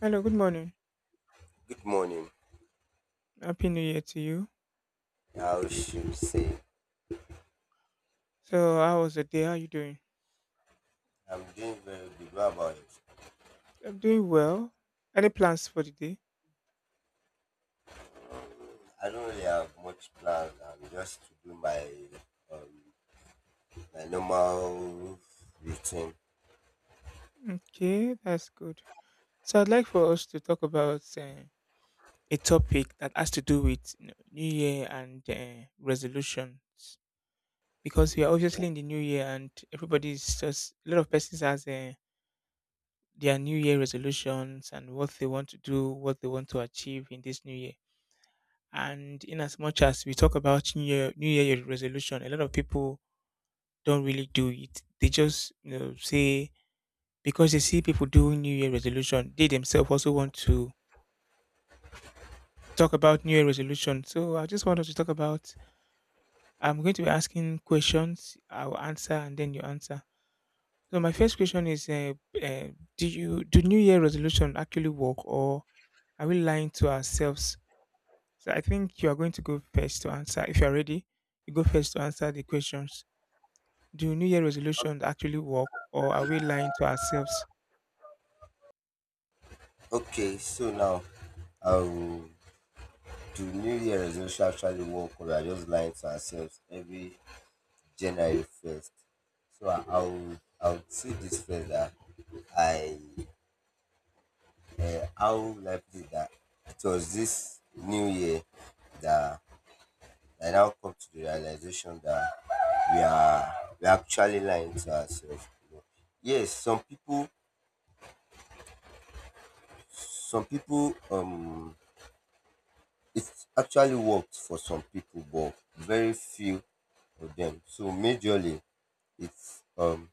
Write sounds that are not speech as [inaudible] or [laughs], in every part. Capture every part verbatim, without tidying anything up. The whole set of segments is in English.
Hello, good morning. Good morning. Happy New Year to you. I should say. So, how was the day? How are you doing? I'm doing very good. What about it? I'm doing well. Any plans for the day? I don't really have much plans. I'm just to do my um, my normal routine. Okay, that's good. So, I'd like for us to talk about uh, a topic that has to do with you know, New Year and uh, resolutions, because we are obviously in the New Year and everybody's just a lot of persons has uh, their New Year resolutions and what they want to do, what they want to achieve in this New Year. And in as much as we talk about New Year, New Year resolution, a lot of people don't really do it. They just you know, say, because they see people doing New Year resolution, they themselves also want to talk about New Year resolution. So I just wanted to talk about. I'm going to be asking questions. I'll answer and then you answer. So my Okay. first question is: uh, uh, do you do New Year resolution actually work, or are we lying to ourselves? So I think you are going to go first to answer. If you are ready, you go first to answer the questions. Do New Year resolution actually work, or are we lying to ourselves? Okay. So now, um, do New Year resolution actually work, or we are just lying to ourselves every January first? So I, I would I would say this first that I, uh, how likely that it was this New Year that I now come to the realization that we are we are actually lying to ourselves, you know. Yes, some people some people, um it actually worked for some people but very few of them. So majorly it um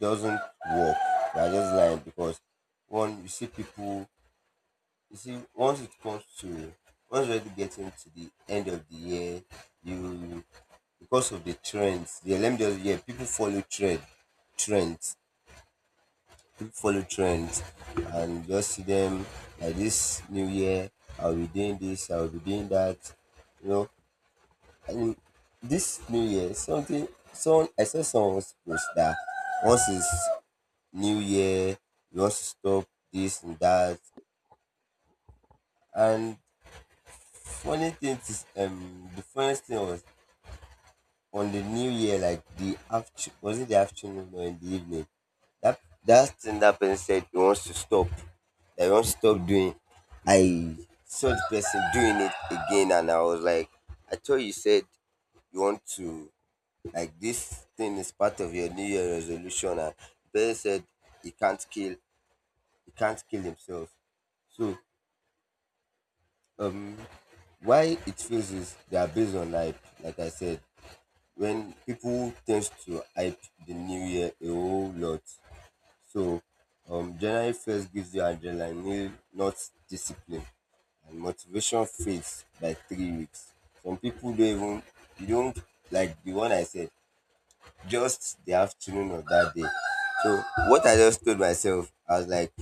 doesn't work. They are just lying because one, you see people. You see, once it comes to, once you're getting to the end of the year, you, because of the trends, the let me just yeah, people follow trend trends. People follow trends and just see them, like, this new year, I'll be doing this, I'll be doing that, you know. And this new year, something someone I saw, someone's post that once it's new year, you want to stop this and that. And funny thing is, um, the funniest thing was on the New Year, like the after, was it the afternoon or in the evening? That that thing that person said he wants to stop, that he wants to stop doing. I saw the person doing it again, and I was like, I thought you said you want to, like, this thing is part of your New Year resolution, and the person said he can't kill, he can't kill himself. So, um, why it feels is they are based on hype, like I said, when people tend to hype the new year a whole lot. So um, January first gives you adrenaline, not discipline, and motivation fades by three weeks. Some people don't even, you don't, like the one I said, just the afternoon of that day. So what I just told myself, I was like,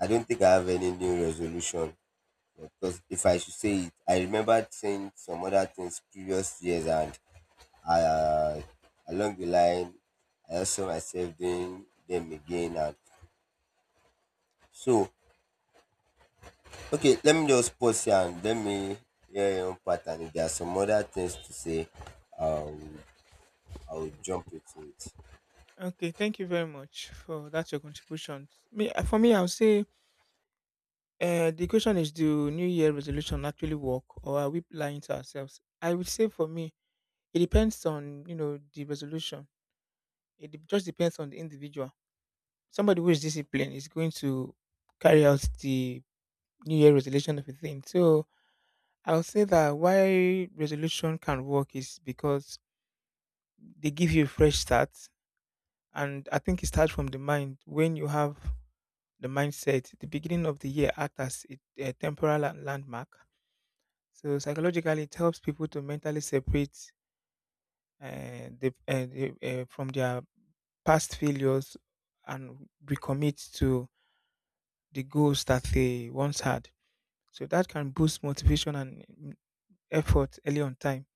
I don't think I have any new resolution. Because if I should say it, I remembered saying some other things previous years, and I, uh, along the line, I also myself doing them again. And so, okay, let me just pause here and let me hear your own part. And if there are some other things to say, um, I will jump into it. Okay, thank you very much for that your contribution. Me, uh, for me, I would say, uh, the question is: do New Year resolution actually work, or are we lying to ourselves? I would say for me, it depends on you know the resolution. It dep- just depends on the individual. Somebody who is disciplined is going to carry out the New Year resolution of a thing. So I would say that why resolution can work is because they give you a fresh start, and I think it starts from the mind. When you have the mindset, the beginning of the year act as a, a temporal la- landmark. So psychologically, it helps people to mentally separate uh, the, uh, the, uh, from their past failures and recommit to the goals that they once had. So that can boost motivation and mm, effort early on time.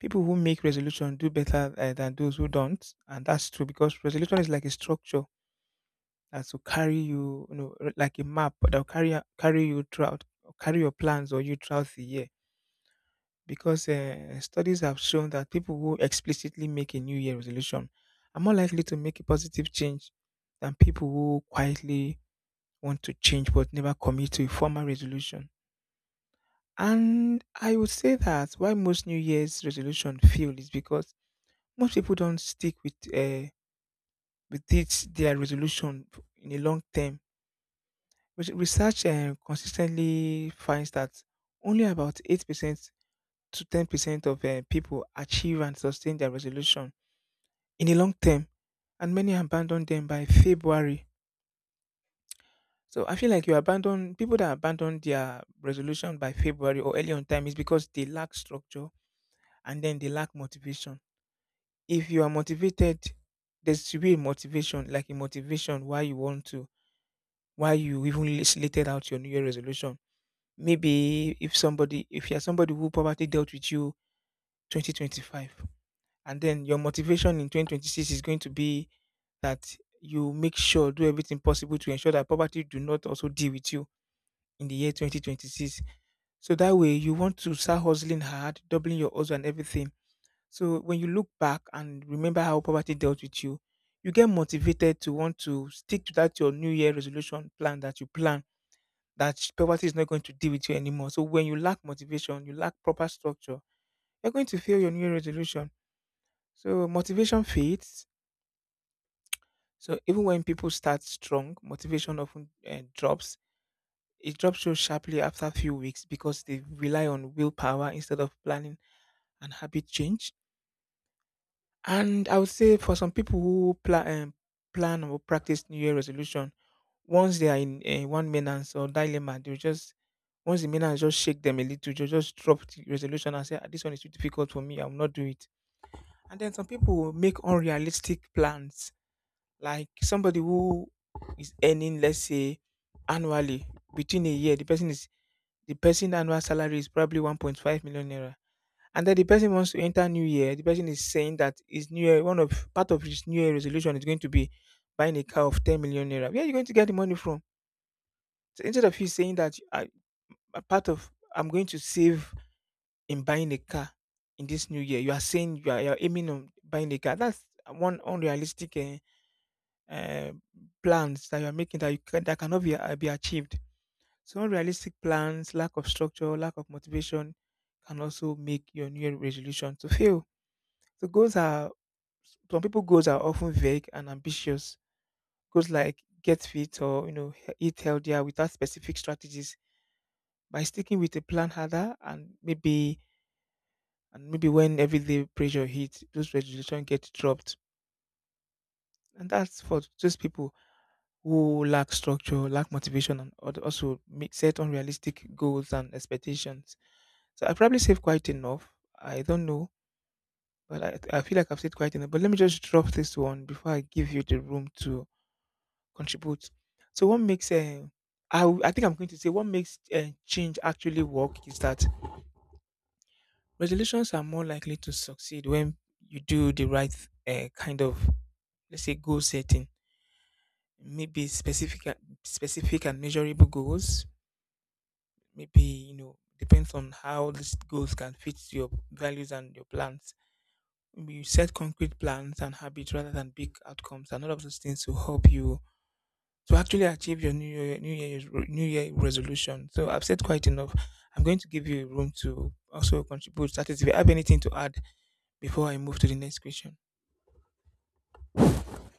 People who make resolution do better uh, than those who don't, and that's true because resolution is like a structure that will carry you, you know, r- like a map that will carry a- carry you throughout, carry your plans or you throughout the year. Because uh, studies have shown that people who explicitly make a New Year resolution are more likely to make a positive change than people who quietly want to change but never commit to a formal resolution. And I would say that why most New Year's resolution fail is because most people don't stick with uh, with this, their resolution in a long term. Res- Research um, consistently finds that only about eight percent to ten percent of uh, people achieve and sustain their resolution in the long term, and many abandon them by February. So I feel like you abandon people that abandon their resolution by February or early on time is because they lack structure and then they lack motivation. If you are motivated, there should be a motivation, like a motivation why you want to, why you even lis- slated out your New Year resolution. Maybe if somebody, if you're somebody who probably dealt with you twenty twenty-five, and then your motivation in twenty twenty-six is going to be that you make sure do everything possible to ensure that poverty do not also deal with you in the year twenty twenty-six. So that way you want to start hustling hard, doubling your hustle and everything. So when you look back and remember how poverty dealt with you, you get motivated to want to stick to that your new year resolution plan that you plan, that sh- poverty is not going to deal with you anymore. So when you lack motivation, you lack proper structure, you're going to fail your new resolution. So motivation fades. So even when people start strong, motivation often uh, drops. It drops so sharply after a few weeks because they rely on willpower instead of planning and habit change. And I would say for some people who pla- um, plan or practice New Year resolution, once they are in eh, one maintenance or dilemma, they'll just, once the maintenance just shake them a little, they'll just drop the resolution and say, "Ah, this one is too difficult for me. I will not do it." And then some people will make unrealistic plans, like somebody who is earning, let's say, annually within a year, the person is the person annual salary is probably one point five million naira. And then the person wants to enter new year. The person is saying that his new year, one of part of his new year resolution is going to be buying a car of ten million naira. Where are you going to get the money from? So instead of you saying that I, a part of I'm going to save in buying a car in this new year, you are saying you are, you are aiming on buying a car. That's one unrealistic uh, uh, plans that you are making that you can, that cannot be, uh, be achieved. So unrealistic plans, lack of structure, lack of motivation can also make your new year resolution to fail. So goals are some people goals are often vague and ambitious. Goals like get fit or you know he- eat healthier without specific strategies, by sticking with a plan harder, and maybe, and maybe when everyday pressure hits, those resolutions get dropped. And that's for those people who lack structure, lack motivation, and al- also make, set unrealistic goals and expectations. So I probably saved quite enough. I don't know, but I, I feel like I've said quite enough. But let me just drop this one before I give you the room to contribute. So what makes uh, I w- I think I'm going to say what makes uh, change actually work is that resolutions are more likely to succeed when you do the right uh, kind of, let's say, goal setting. Maybe specific, a- specific and measurable goals. Maybe you know depends on how these goals can fit your values and your plans. Maybe you set concrete plans and habits rather than big outcomes, and all of those things to help you to actually achieve your new year new year, new year resolution. So I've said quite enough. I'm going to give you room to also contribute. That is, if you have anything to add, before I move to the next question.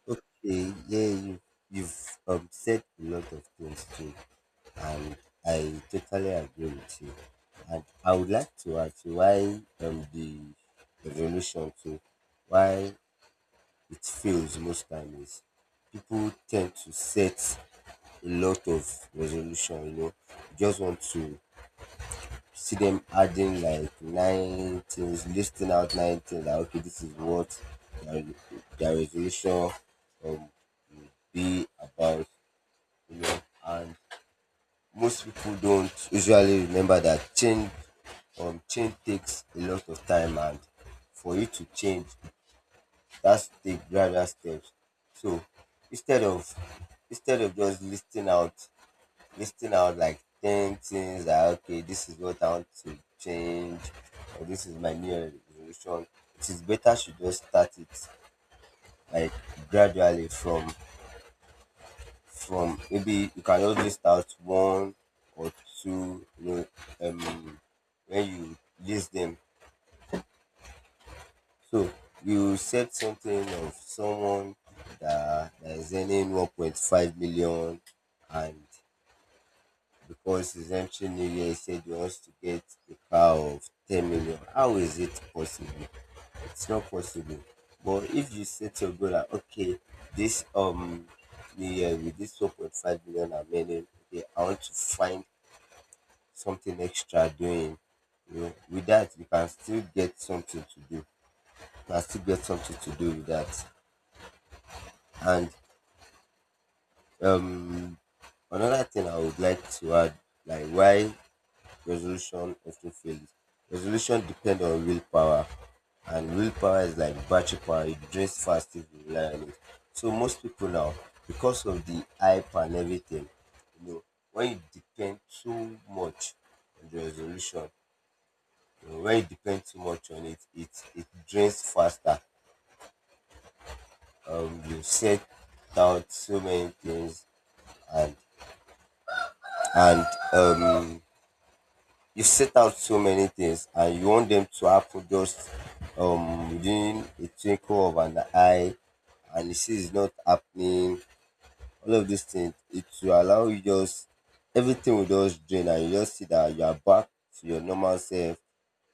Okay, yeah, you, you've um, said a lot of things too, and I totally agree with you. And I would like to ask you why um, the revolution too, why it fails most times, is people tend to set a lot of resolution, you know. You just want to see them adding like nine things, listing out nine things that, okay, this is what their, their resolution um will be about, you know. And most people don't usually remember that change um change takes a lot of time, and for you to change, that step, gradual steps. So instead of instead of just listing out listing out like ten things that, okay, this is what I want to change, or this is my new resolution. It is better to just start it, like, gradually, from from maybe you can just list out one or two, you know. um when you list them. So you said something of someone that, that is earning one point five million, and because he's entering New Year, he said he wants to get a car of ten million. How is it possible? It's not possible. But if you set your goal like, okay, this um New Year with this one point five million I'm earning, okay, I want to find something extra doing. You know, with that, you can still get something to do. You can still get something to do with that. And um, another thing I would like to add, like why resolution often fails. Resolution depends on willpower, and willpower is like battery power. It drains fast if you rely on it. So most people now, because of the hype and everything, you know, when you depend too much on the resolution, you know, when you depend too much on it, it it drains faster. Um, you set down so many things, and and um you set out so many things and you want them to happen just um within a twinkle of an eye, and you see it's not happening. All of these things, it will allow you, just everything will just drain, and you just see that you are back to your normal self.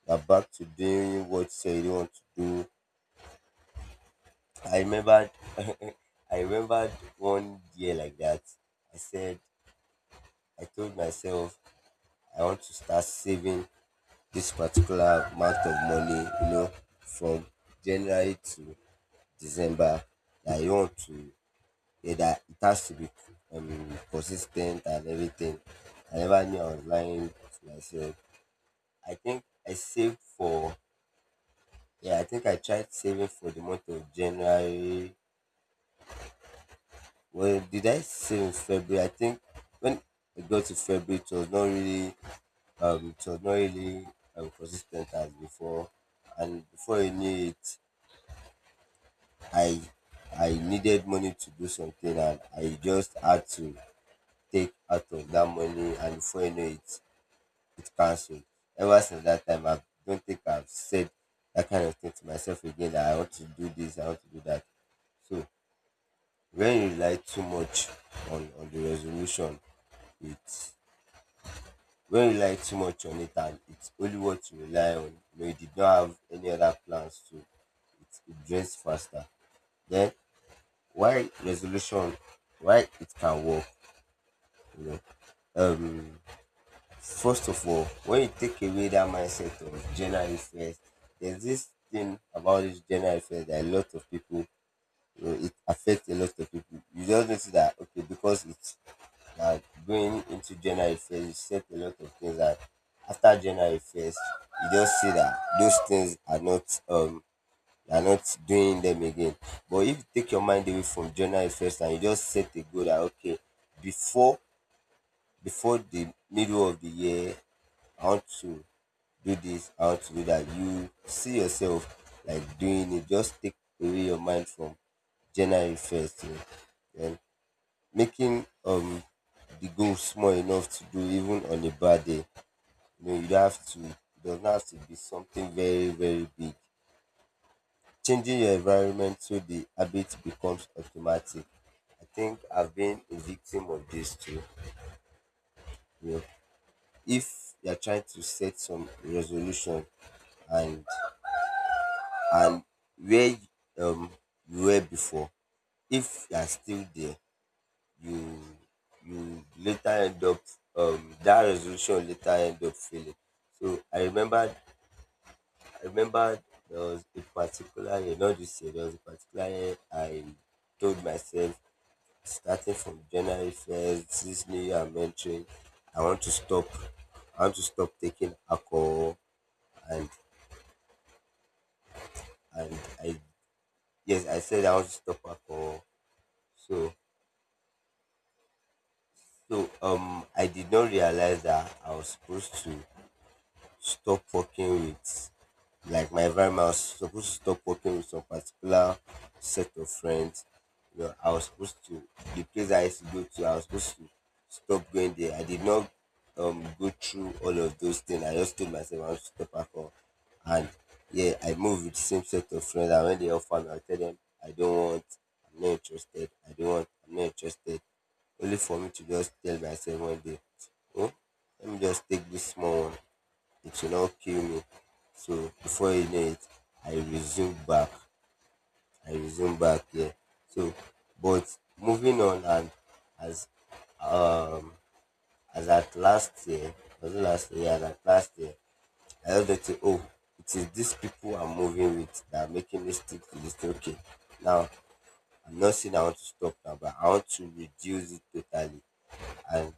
You are back to doing what you say you don't want to do. I remembered. [laughs] I remembered one year like that. I said, I told myself, I want to start saving this particular amount of money, you know, from January to December. That you want to, yeah, that it has to be um, consistent and everything. I never knew I was lying to myself. I think I saved for, yeah, I think I tried saving for the month of January. Well, did I save in February? I think when I got to February, it was not really, um, it was not really um, consistent as before. And before you knew it, I I needed money to do something, and I just had to take out of that money, and before you know it, it cancelled. Ever since that time, I don't think I've said that kind of thing to myself again, that I want to do this, I want to do that. So when you rely too much on, on the resolution, it when you rely too much on it, and it's only what you rely on, you know, you did not have any other plans to it, it drains faster. Then why resolution why it can work, you know. um First of all, when you take away that mindset of January first, there's this thing about this January first that a lot of people, you know, it affects a lot of people. You just notice that, okay, because it's like going into January first, you set a lot of things that after January first, you just see that those things are not, um you are not doing them again. But if you take your mind away from journal first and you just set a goal that, okay, before before the middle of the year, I want to do this, I want to do that. You see yourself like doing it. Just take away your mind from January first, you, and making um the goal small enough to do even on a bad day. You know, you don't have to. It does not have to be something very, very big. Changing your environment so the habit becomes automatic. I think I've been a victim of this too. You know, if you're trying to set some resolution, and and where you- um you were before, if you're still there, you you later end up, um that resolution later end up failing. So I remember I remember there was a particular year, not this year, there was a particular year I told myself starting from January first, this new year I'm entering, I want to stop. I want to stop taking alcohol, and and I yes, I said I want to stop alcohol. So so um, I did not realize that I was supposed to stop working with, like, my environment. I was supposed to stop working with some particular set of friends. You know, I was supposed to the place I used to go to, I was supposed to stop going there. I did not um go through all of those things. I just told myself I want to stop alcohol. And yeah, I moved with the same set of friends. And when they offer me, I tell them I don't want, I'm not interested, I don't want, I'm not interested. Only for me to just tell myself one day, oh, let me just take this small one, it will not kill me. So before you know it, I resume back. I resume back here. So, but moving on, and as um as at last year, was it last year? As at last year, I heard that say, oh, it is these people I'm moving with that are making me stick to this thing. Okay, now I'm not saying I want to stop now, but I want to reduce it totally. And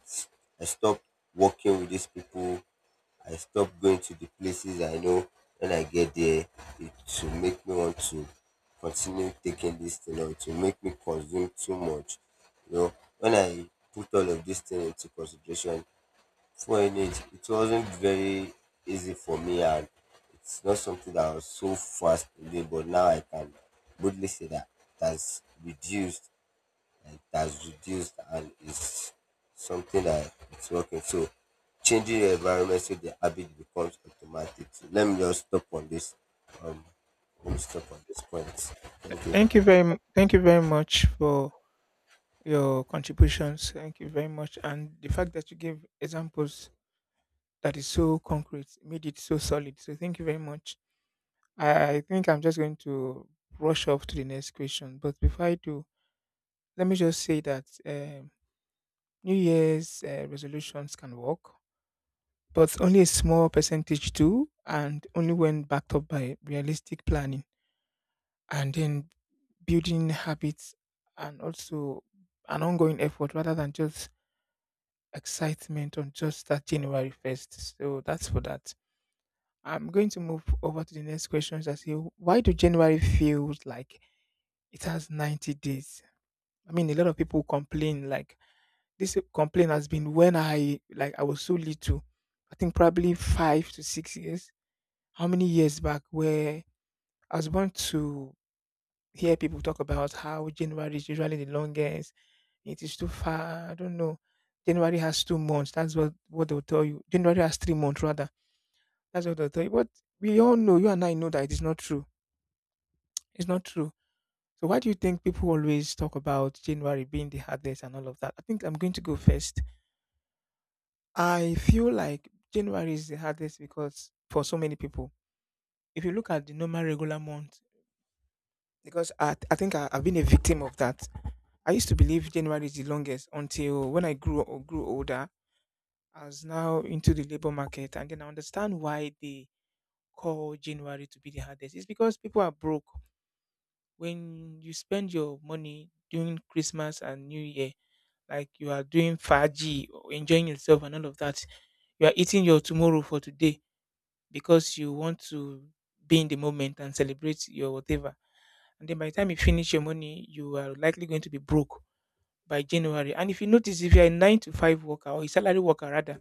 I stopped working with these people, I stop going to the places I know when I get there, it will make me want to continue taking this thing, or it will make me consume too much. You know, when I put all of this thing into consideration, for in it, it wasn't very easy for me, and it's not something that I was so fast in doing, but now I can boldly say that it has reduced, it has reduced, and it's something that it's working. So changing the environment so the habit becomes automatic. So let me just stop on this. Um, Let me stop on this point. Thank Thank you you. Very m- thank you very much for your contributions. Thank you very much, and the fact that you gave examples that is so concrete made it so solid. So thank you very much. I, I think I'm just going to rush off to the next question, but before I do, let me just say that um, New Year's uh, resolutions can work, but only a small percentage do, and only when backed up by realistic planning. And then building habits, and also an ongoing effort rather than just excitement on just that January first. So that's for that. I'm going to move over to the next questions. I say, why do January feels like it has ninety days? I mean, a lot of people complain like this complaint has been when I, like, I was so little. I think probably five to six years. How many years back where I was born to hear people talk about how January is usually the longest. It is too far. I don't know. January has two months. That's what, what they'll tell you. January has three months, rather. That's what they'll tell you. But we all know, you and I know that it is not true. It's not true. So why do you think people always talk about January being the hardest and all of that? I think I'm going to go first. I feel like January is the hardest because for so many people, if you look at the normal regular month, because I, I think I, I've been a victim of that. I used to believe January is the longest until when I grew grew older, as now into the labor market, and then I understand why they call January to be the hardest. It's because people are broke. When you spend your money during Christmas and New Year, like you are doing faji, or enjoying yourself and all of that, you are eating your tomorrow for today because you want to be in the moment and celebrate your whatever. And then by the time you finish your money, you are likely going to be broke by January. And if you notice, if you're a nine to five worker or a salary worker rather,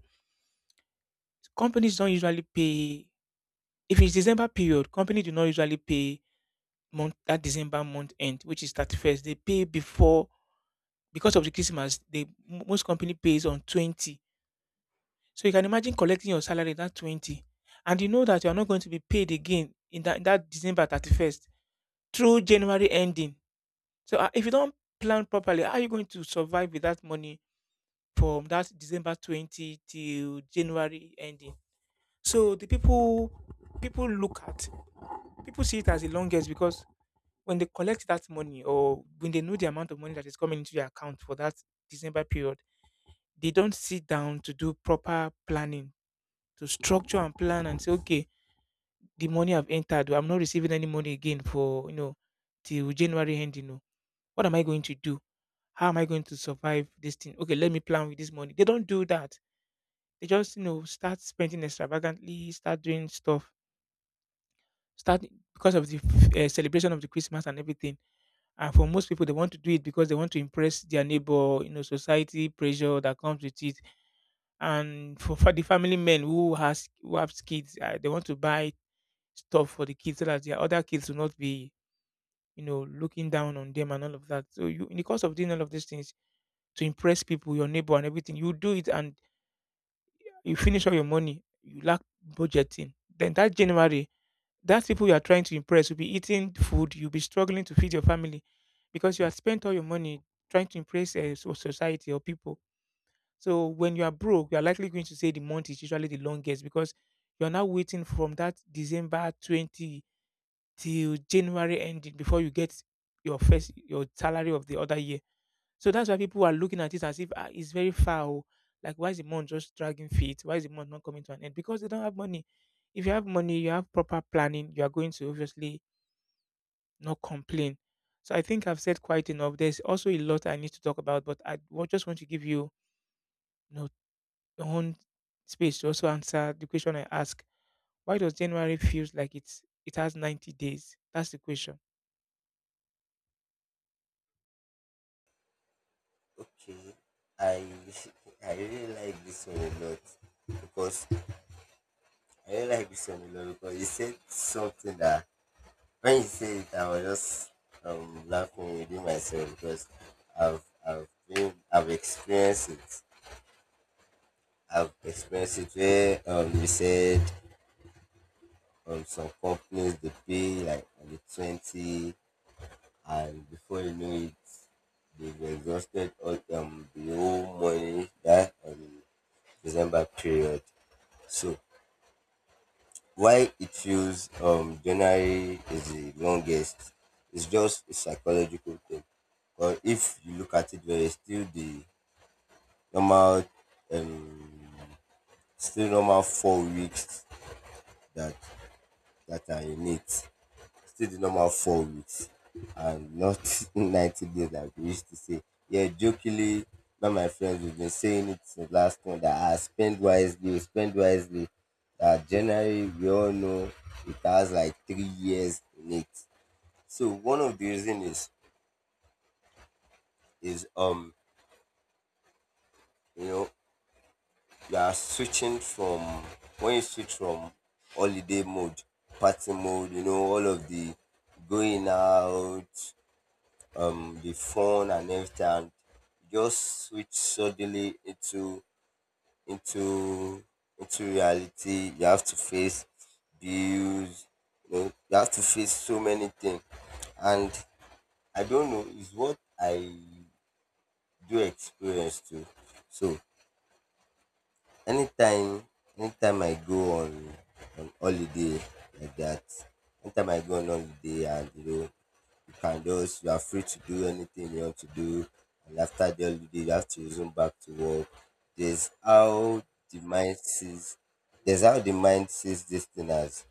companies don't usually pay. If it's December period, company do not usually pay month that December month end, which is thirty-first. They pay before because of the Christmas. They mo- most company pays on twenty. So you can imagine collecting your salary that twenty, and you know that you are not going to be paid again in that, that December thirty-first through January ending. So ah, if you don't plan properly, how are you going to survive with that money from that December twenty till January ending? So the people people look at people see it as the longest because when they collect that money, or when they know the amount of money that is coming into their account for that December period, they don't sit down to do proper planning, to structure and plan and say, okay, the money I've entered, I'm not receiving any money again for, you know, till January end, you know. What am I going to do? How am I going to survive this thing? Okay, let me plan with this money. They don't do that. They just, you know, start spending extravagantly, start doing stuff, start because of the uh, celebration of the Christmas and everything. And for most people, they want to do it because they want to impress their neighbor, you know, society pressure that comes with it. And for, for the family men who has who have kids, uh, they want to buy stuff for the kids so that their other kids will not be, you know, looking down on them and all of that. So you, in the course of doing all of these things to impress people, your neighbor and everything, you do it and you finish all your money. You lack budgeting. Then that January, that people you are trying to impress will be eating food, you'll be struggling to feed your family because you have spent all your money trying to impress uh, so- society or people. So when you are broke, you are likely going to say the month is usually the longest because you're now waiting from that December twenty till January ending before you get your first your salary of the other year. So that's why people are looking at it as if ah, it's very far. Oh. Like why is the month just dragging feet? Why is the month not coming to an end? Because they don't have money. If you have money, you have proper planning, you are going to obviously not complain. So I think I've said quite enough. There's also a lot I need to talk about, but I wa- just want to give you, you know, your own space to also answer the question I ask. Why does January feels like it's it has ninety days? That's the question. Okay, I [laughs] I really like this one a lot because I really like this one a lot because he said something that when he said it, I was just um laughing within myself because I've I've been I've experienced it. I've experienced it where um, you said um, some companies they pay like only twenty, and before you know it, they've exhausted all um, the whole money that um, December period. So why it feels um, January is the longest. It's just a psychological thing. But if you look at it, there is still the normal, um, still normal four weeks that that are in it. Still the normal four weeks and not [laughs] ninety days like we used to say. Yeah, jokingly, not my friends, we've been saying it since last month that I spend wisely, spend wisely. That January, we all know it has like three years in it. So one of the reason is is um you know you are switching from when you switch from holiday mode, party mode, you know all of the going out, um, the phone and everything, and just switch suddenly into into into reality. You have to face bills. You know, you have to face so many things, and I don't know is what I do experience too. So anytime, anytime I go on on holiday like that, anytime I go on holiday and you know you can just you are free to do anything you want to do, and after the holiday you have to resume back to work. There's how the mind sees, there's how the mind sees this thing as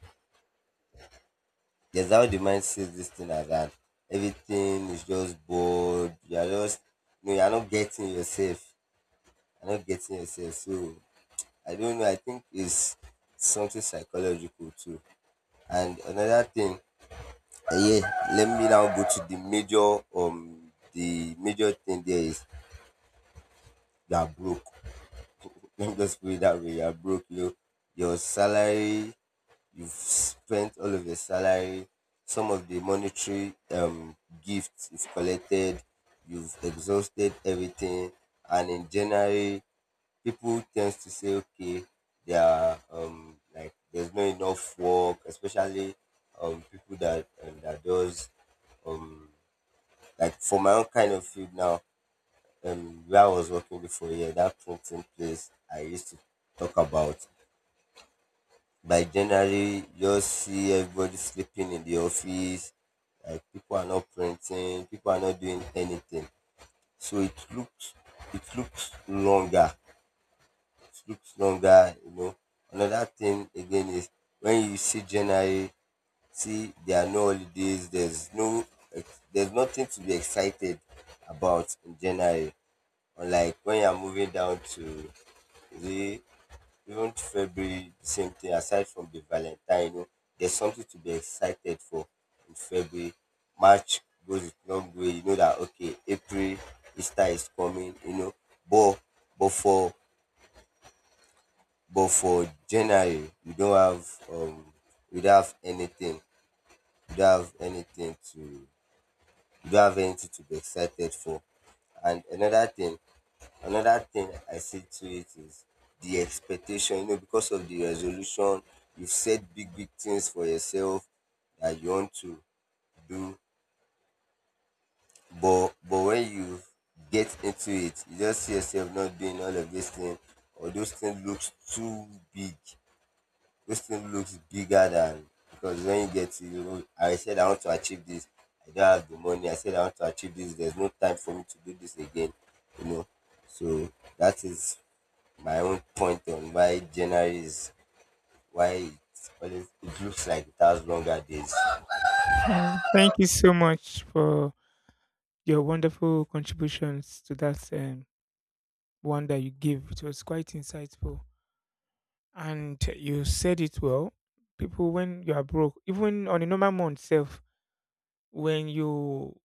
there's how the mind sees this thing as, and everything is just bored. You are just, you know, you are not getting yourself, you're not getting yourself. So I don't know, I think it's something psychological too. And another thing, uh, yeah, let me now go to the major um the major thing. There is you are broke. Let me just put it that way. You are broke. You know, your salary, you've spent all of your salary, some of the monetary um gifts you've collected, you've exhausted everything, and in January, people tend to say, okay, there are um like there's not enough work, especially um people that um, that does um like for my own kind of field now, um, where I was working before, yeah, that printing place I used to talk about. By January, you just see everybody sleeping in the office, like people are not printing, people are not doing anything. So it looks, it looks longer. It looks longer, you know. Another thing again is when you see January, see there are no holidays, there's no, there's nothing to be excited about in January. Unlike when you're moving down to the, even February, the same thing, aside from the Valentine, you know, there's something to be excited for in February. March goes a long way. You know that okay, April, Easter is coming, you know. But but for but for January, we don't have um we don't have anything. We don't have anything to We don't have anything to be excited for. And another thing, another thing I see to it is the expectation, you know, because of the resolution, you've set big, big things for yourself that you want to do. But but when you get into it, you just see yourself not doing all of these things, or those things looks too big. Those things looks bigger than, because when you get to, you know, I said I want to achieve this, I don't have the money. I said I want to achieve this. There's no time for me to do this again, you know. So that is my own point on why January is, why it's always, it looks like it has longer days. [laughs] Yeah. Thank you so much for your wonderful contributions to that um, one that you gave. It was quite insightful, and you said it well. People, when you are broke, even on a normal month self, when you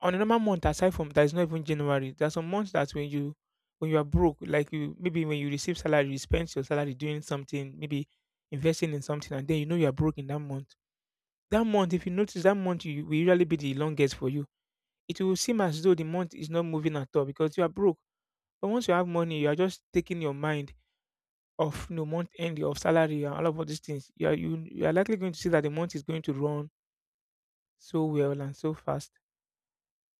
on a normal month aside from that is not even January, there are some months that when you when you are broke, like you maybe when you receive salary, you spend your salary doing something, maybe investing in something, and then you know you are broke in that month. That month, if you notice, that month you, will usually be the longest for you. It will seem as though the month is not moving at all because you are broke. But once you have money, you are just taking your mind off, you know, month end of salary and all of all these things. You are you, you are likely going to see that the month is going to run so well and so fast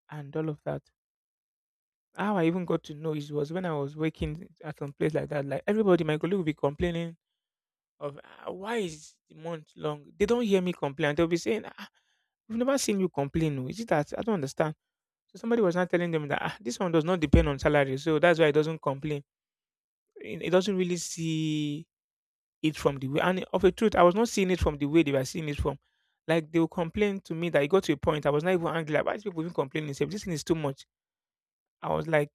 and all of that. How I even got to know it was when I was working at some place like that. Like everybody, my colleague will be complaining of, "Ah, why is the month long?" They don't hear me complain. They'll be saying, ah, "We've never seen you complain. Oh. Is it that I don't understand?" So somebody was not telling them that ah, this one does not depend on salary, so that's why it doesn't complain. It it doesn't really see it from the way. And of a truth, I was not seeing it from the way they were seeing it from. Like they will complain to me that it got to a point I was not even angry. Like, why is people even complaining? Say this thing is too much. I was like,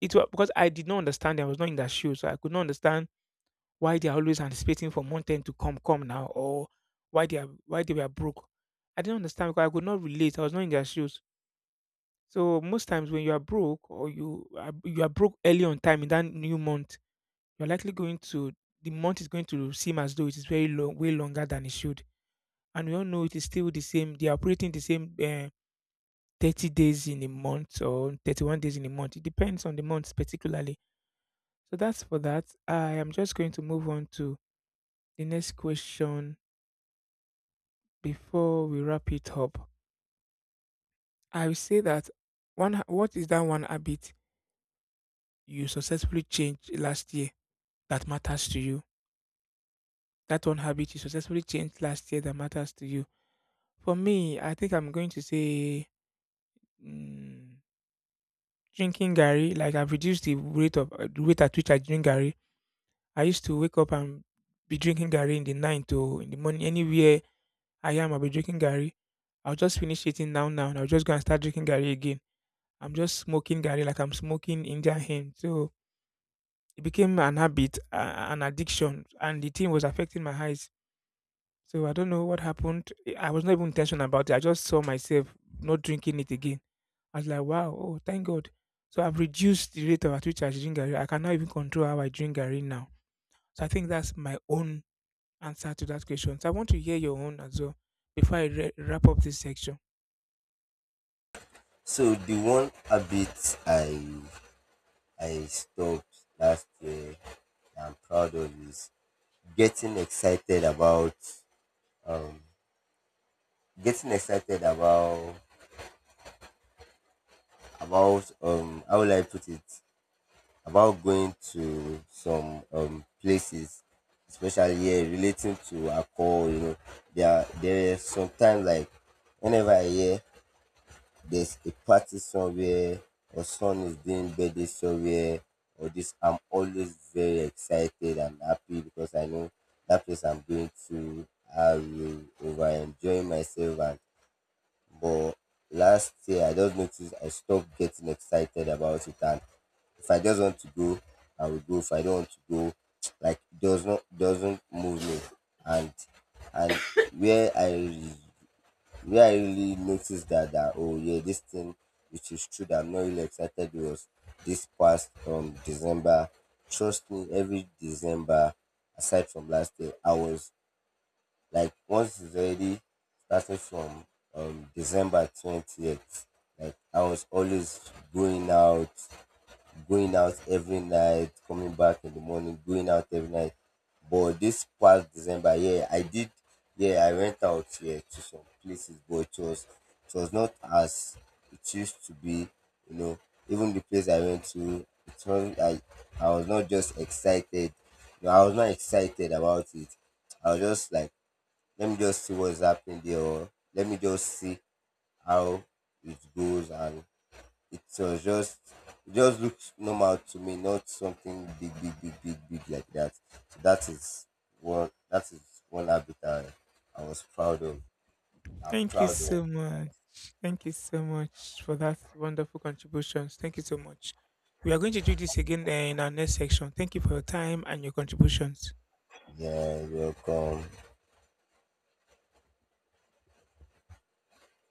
it was because I did not understand them. I was not in their shoes, so I could not understand why they are always anticipating for month end to come, come now, or why they are why they were broke. I didn't understand because I could not relate. I was not in their shoes. So most times when you are broke or you are, you are broke early on time in that new month, you're likely going to the month is going to seem as though it is very long, way longer than it should. And we all know it is still the same. They are operating the same uh, thirty days in a month or thirty-one days in a month. It depends on the month particularly. So that's for that. I am just going to move on to the next question before we wrap it up. I will say that one ha- what is that one habit you successfully changed last year that matters to you? That one habit you successfully changed last year that matters to you. For me, I think I'm going to say mm, drinking Gary. Like I've reduced the rate of uh, the rate at which I drink Gary. I used to wake up and be drinking Gary in the night or in the morning anywhere I am. I'll be drinking Gary. I'll just finish eating now now and I'll just go and start drinking Gary again. I'm just smoking Gary like I'm smoking Indian hemp. So it became an habit, uh, an addiction, and the thing was affecting my eyes. So I don't know what happened. I was not even intentional about it. I just saw myself not drinking it again. I was like, wow, oh, thank God. So I've reduced the rate of at which I drink Gary. I cannot even control how I drink Gary now. So I think that's my own answer to that question. So I want to hear your own as well before I re- wrap up this section. So the one habit I I stopped last year that I'm proud of is getting excited about, um, getting excited about about um how will I put it, about going to some um places, especially here relating to alcohol, you know. There are, there is sometimes like whenever I hear there's a party somewhere, or son is doing birthday somewhere, or this, I'm always very excited and happy because I know that place I'm going to, I will over enjoy myself and, but last year I just noticed I stopped getting excited about it. And if I just want to go, I will go. If I don't want to go, [tsk] like does not, doesn't move me. And and where i where I really noticed that, that oh yeah, this thing, which is true that I'm not really excited, was this past um December. Trust me, every December, aside from last year, I was like once it's already started from um December twentieth, like I was always going out, going out every night, coming back in the morning, going out every night. But this past December, yeah, I did, yeah, I went out here to some places, but it was, it was not as it used to be, you know. Even the place I went to, it was I, I was not just excited. You know, I was not excited about it. I was just like, let me just see what's happening there, or let me just see how it goes and so, it was just, it just looks normal to me, not something big, big, big, big, big like that. So that is what, that is one habit I, I was proud of. I'm Thank you proud of. so much. Thank you so much for that wonderful contributions. Thank you so much. We are going to do this again eh, in our next section. Thank you for your time and your contributions. Yeah, welcome.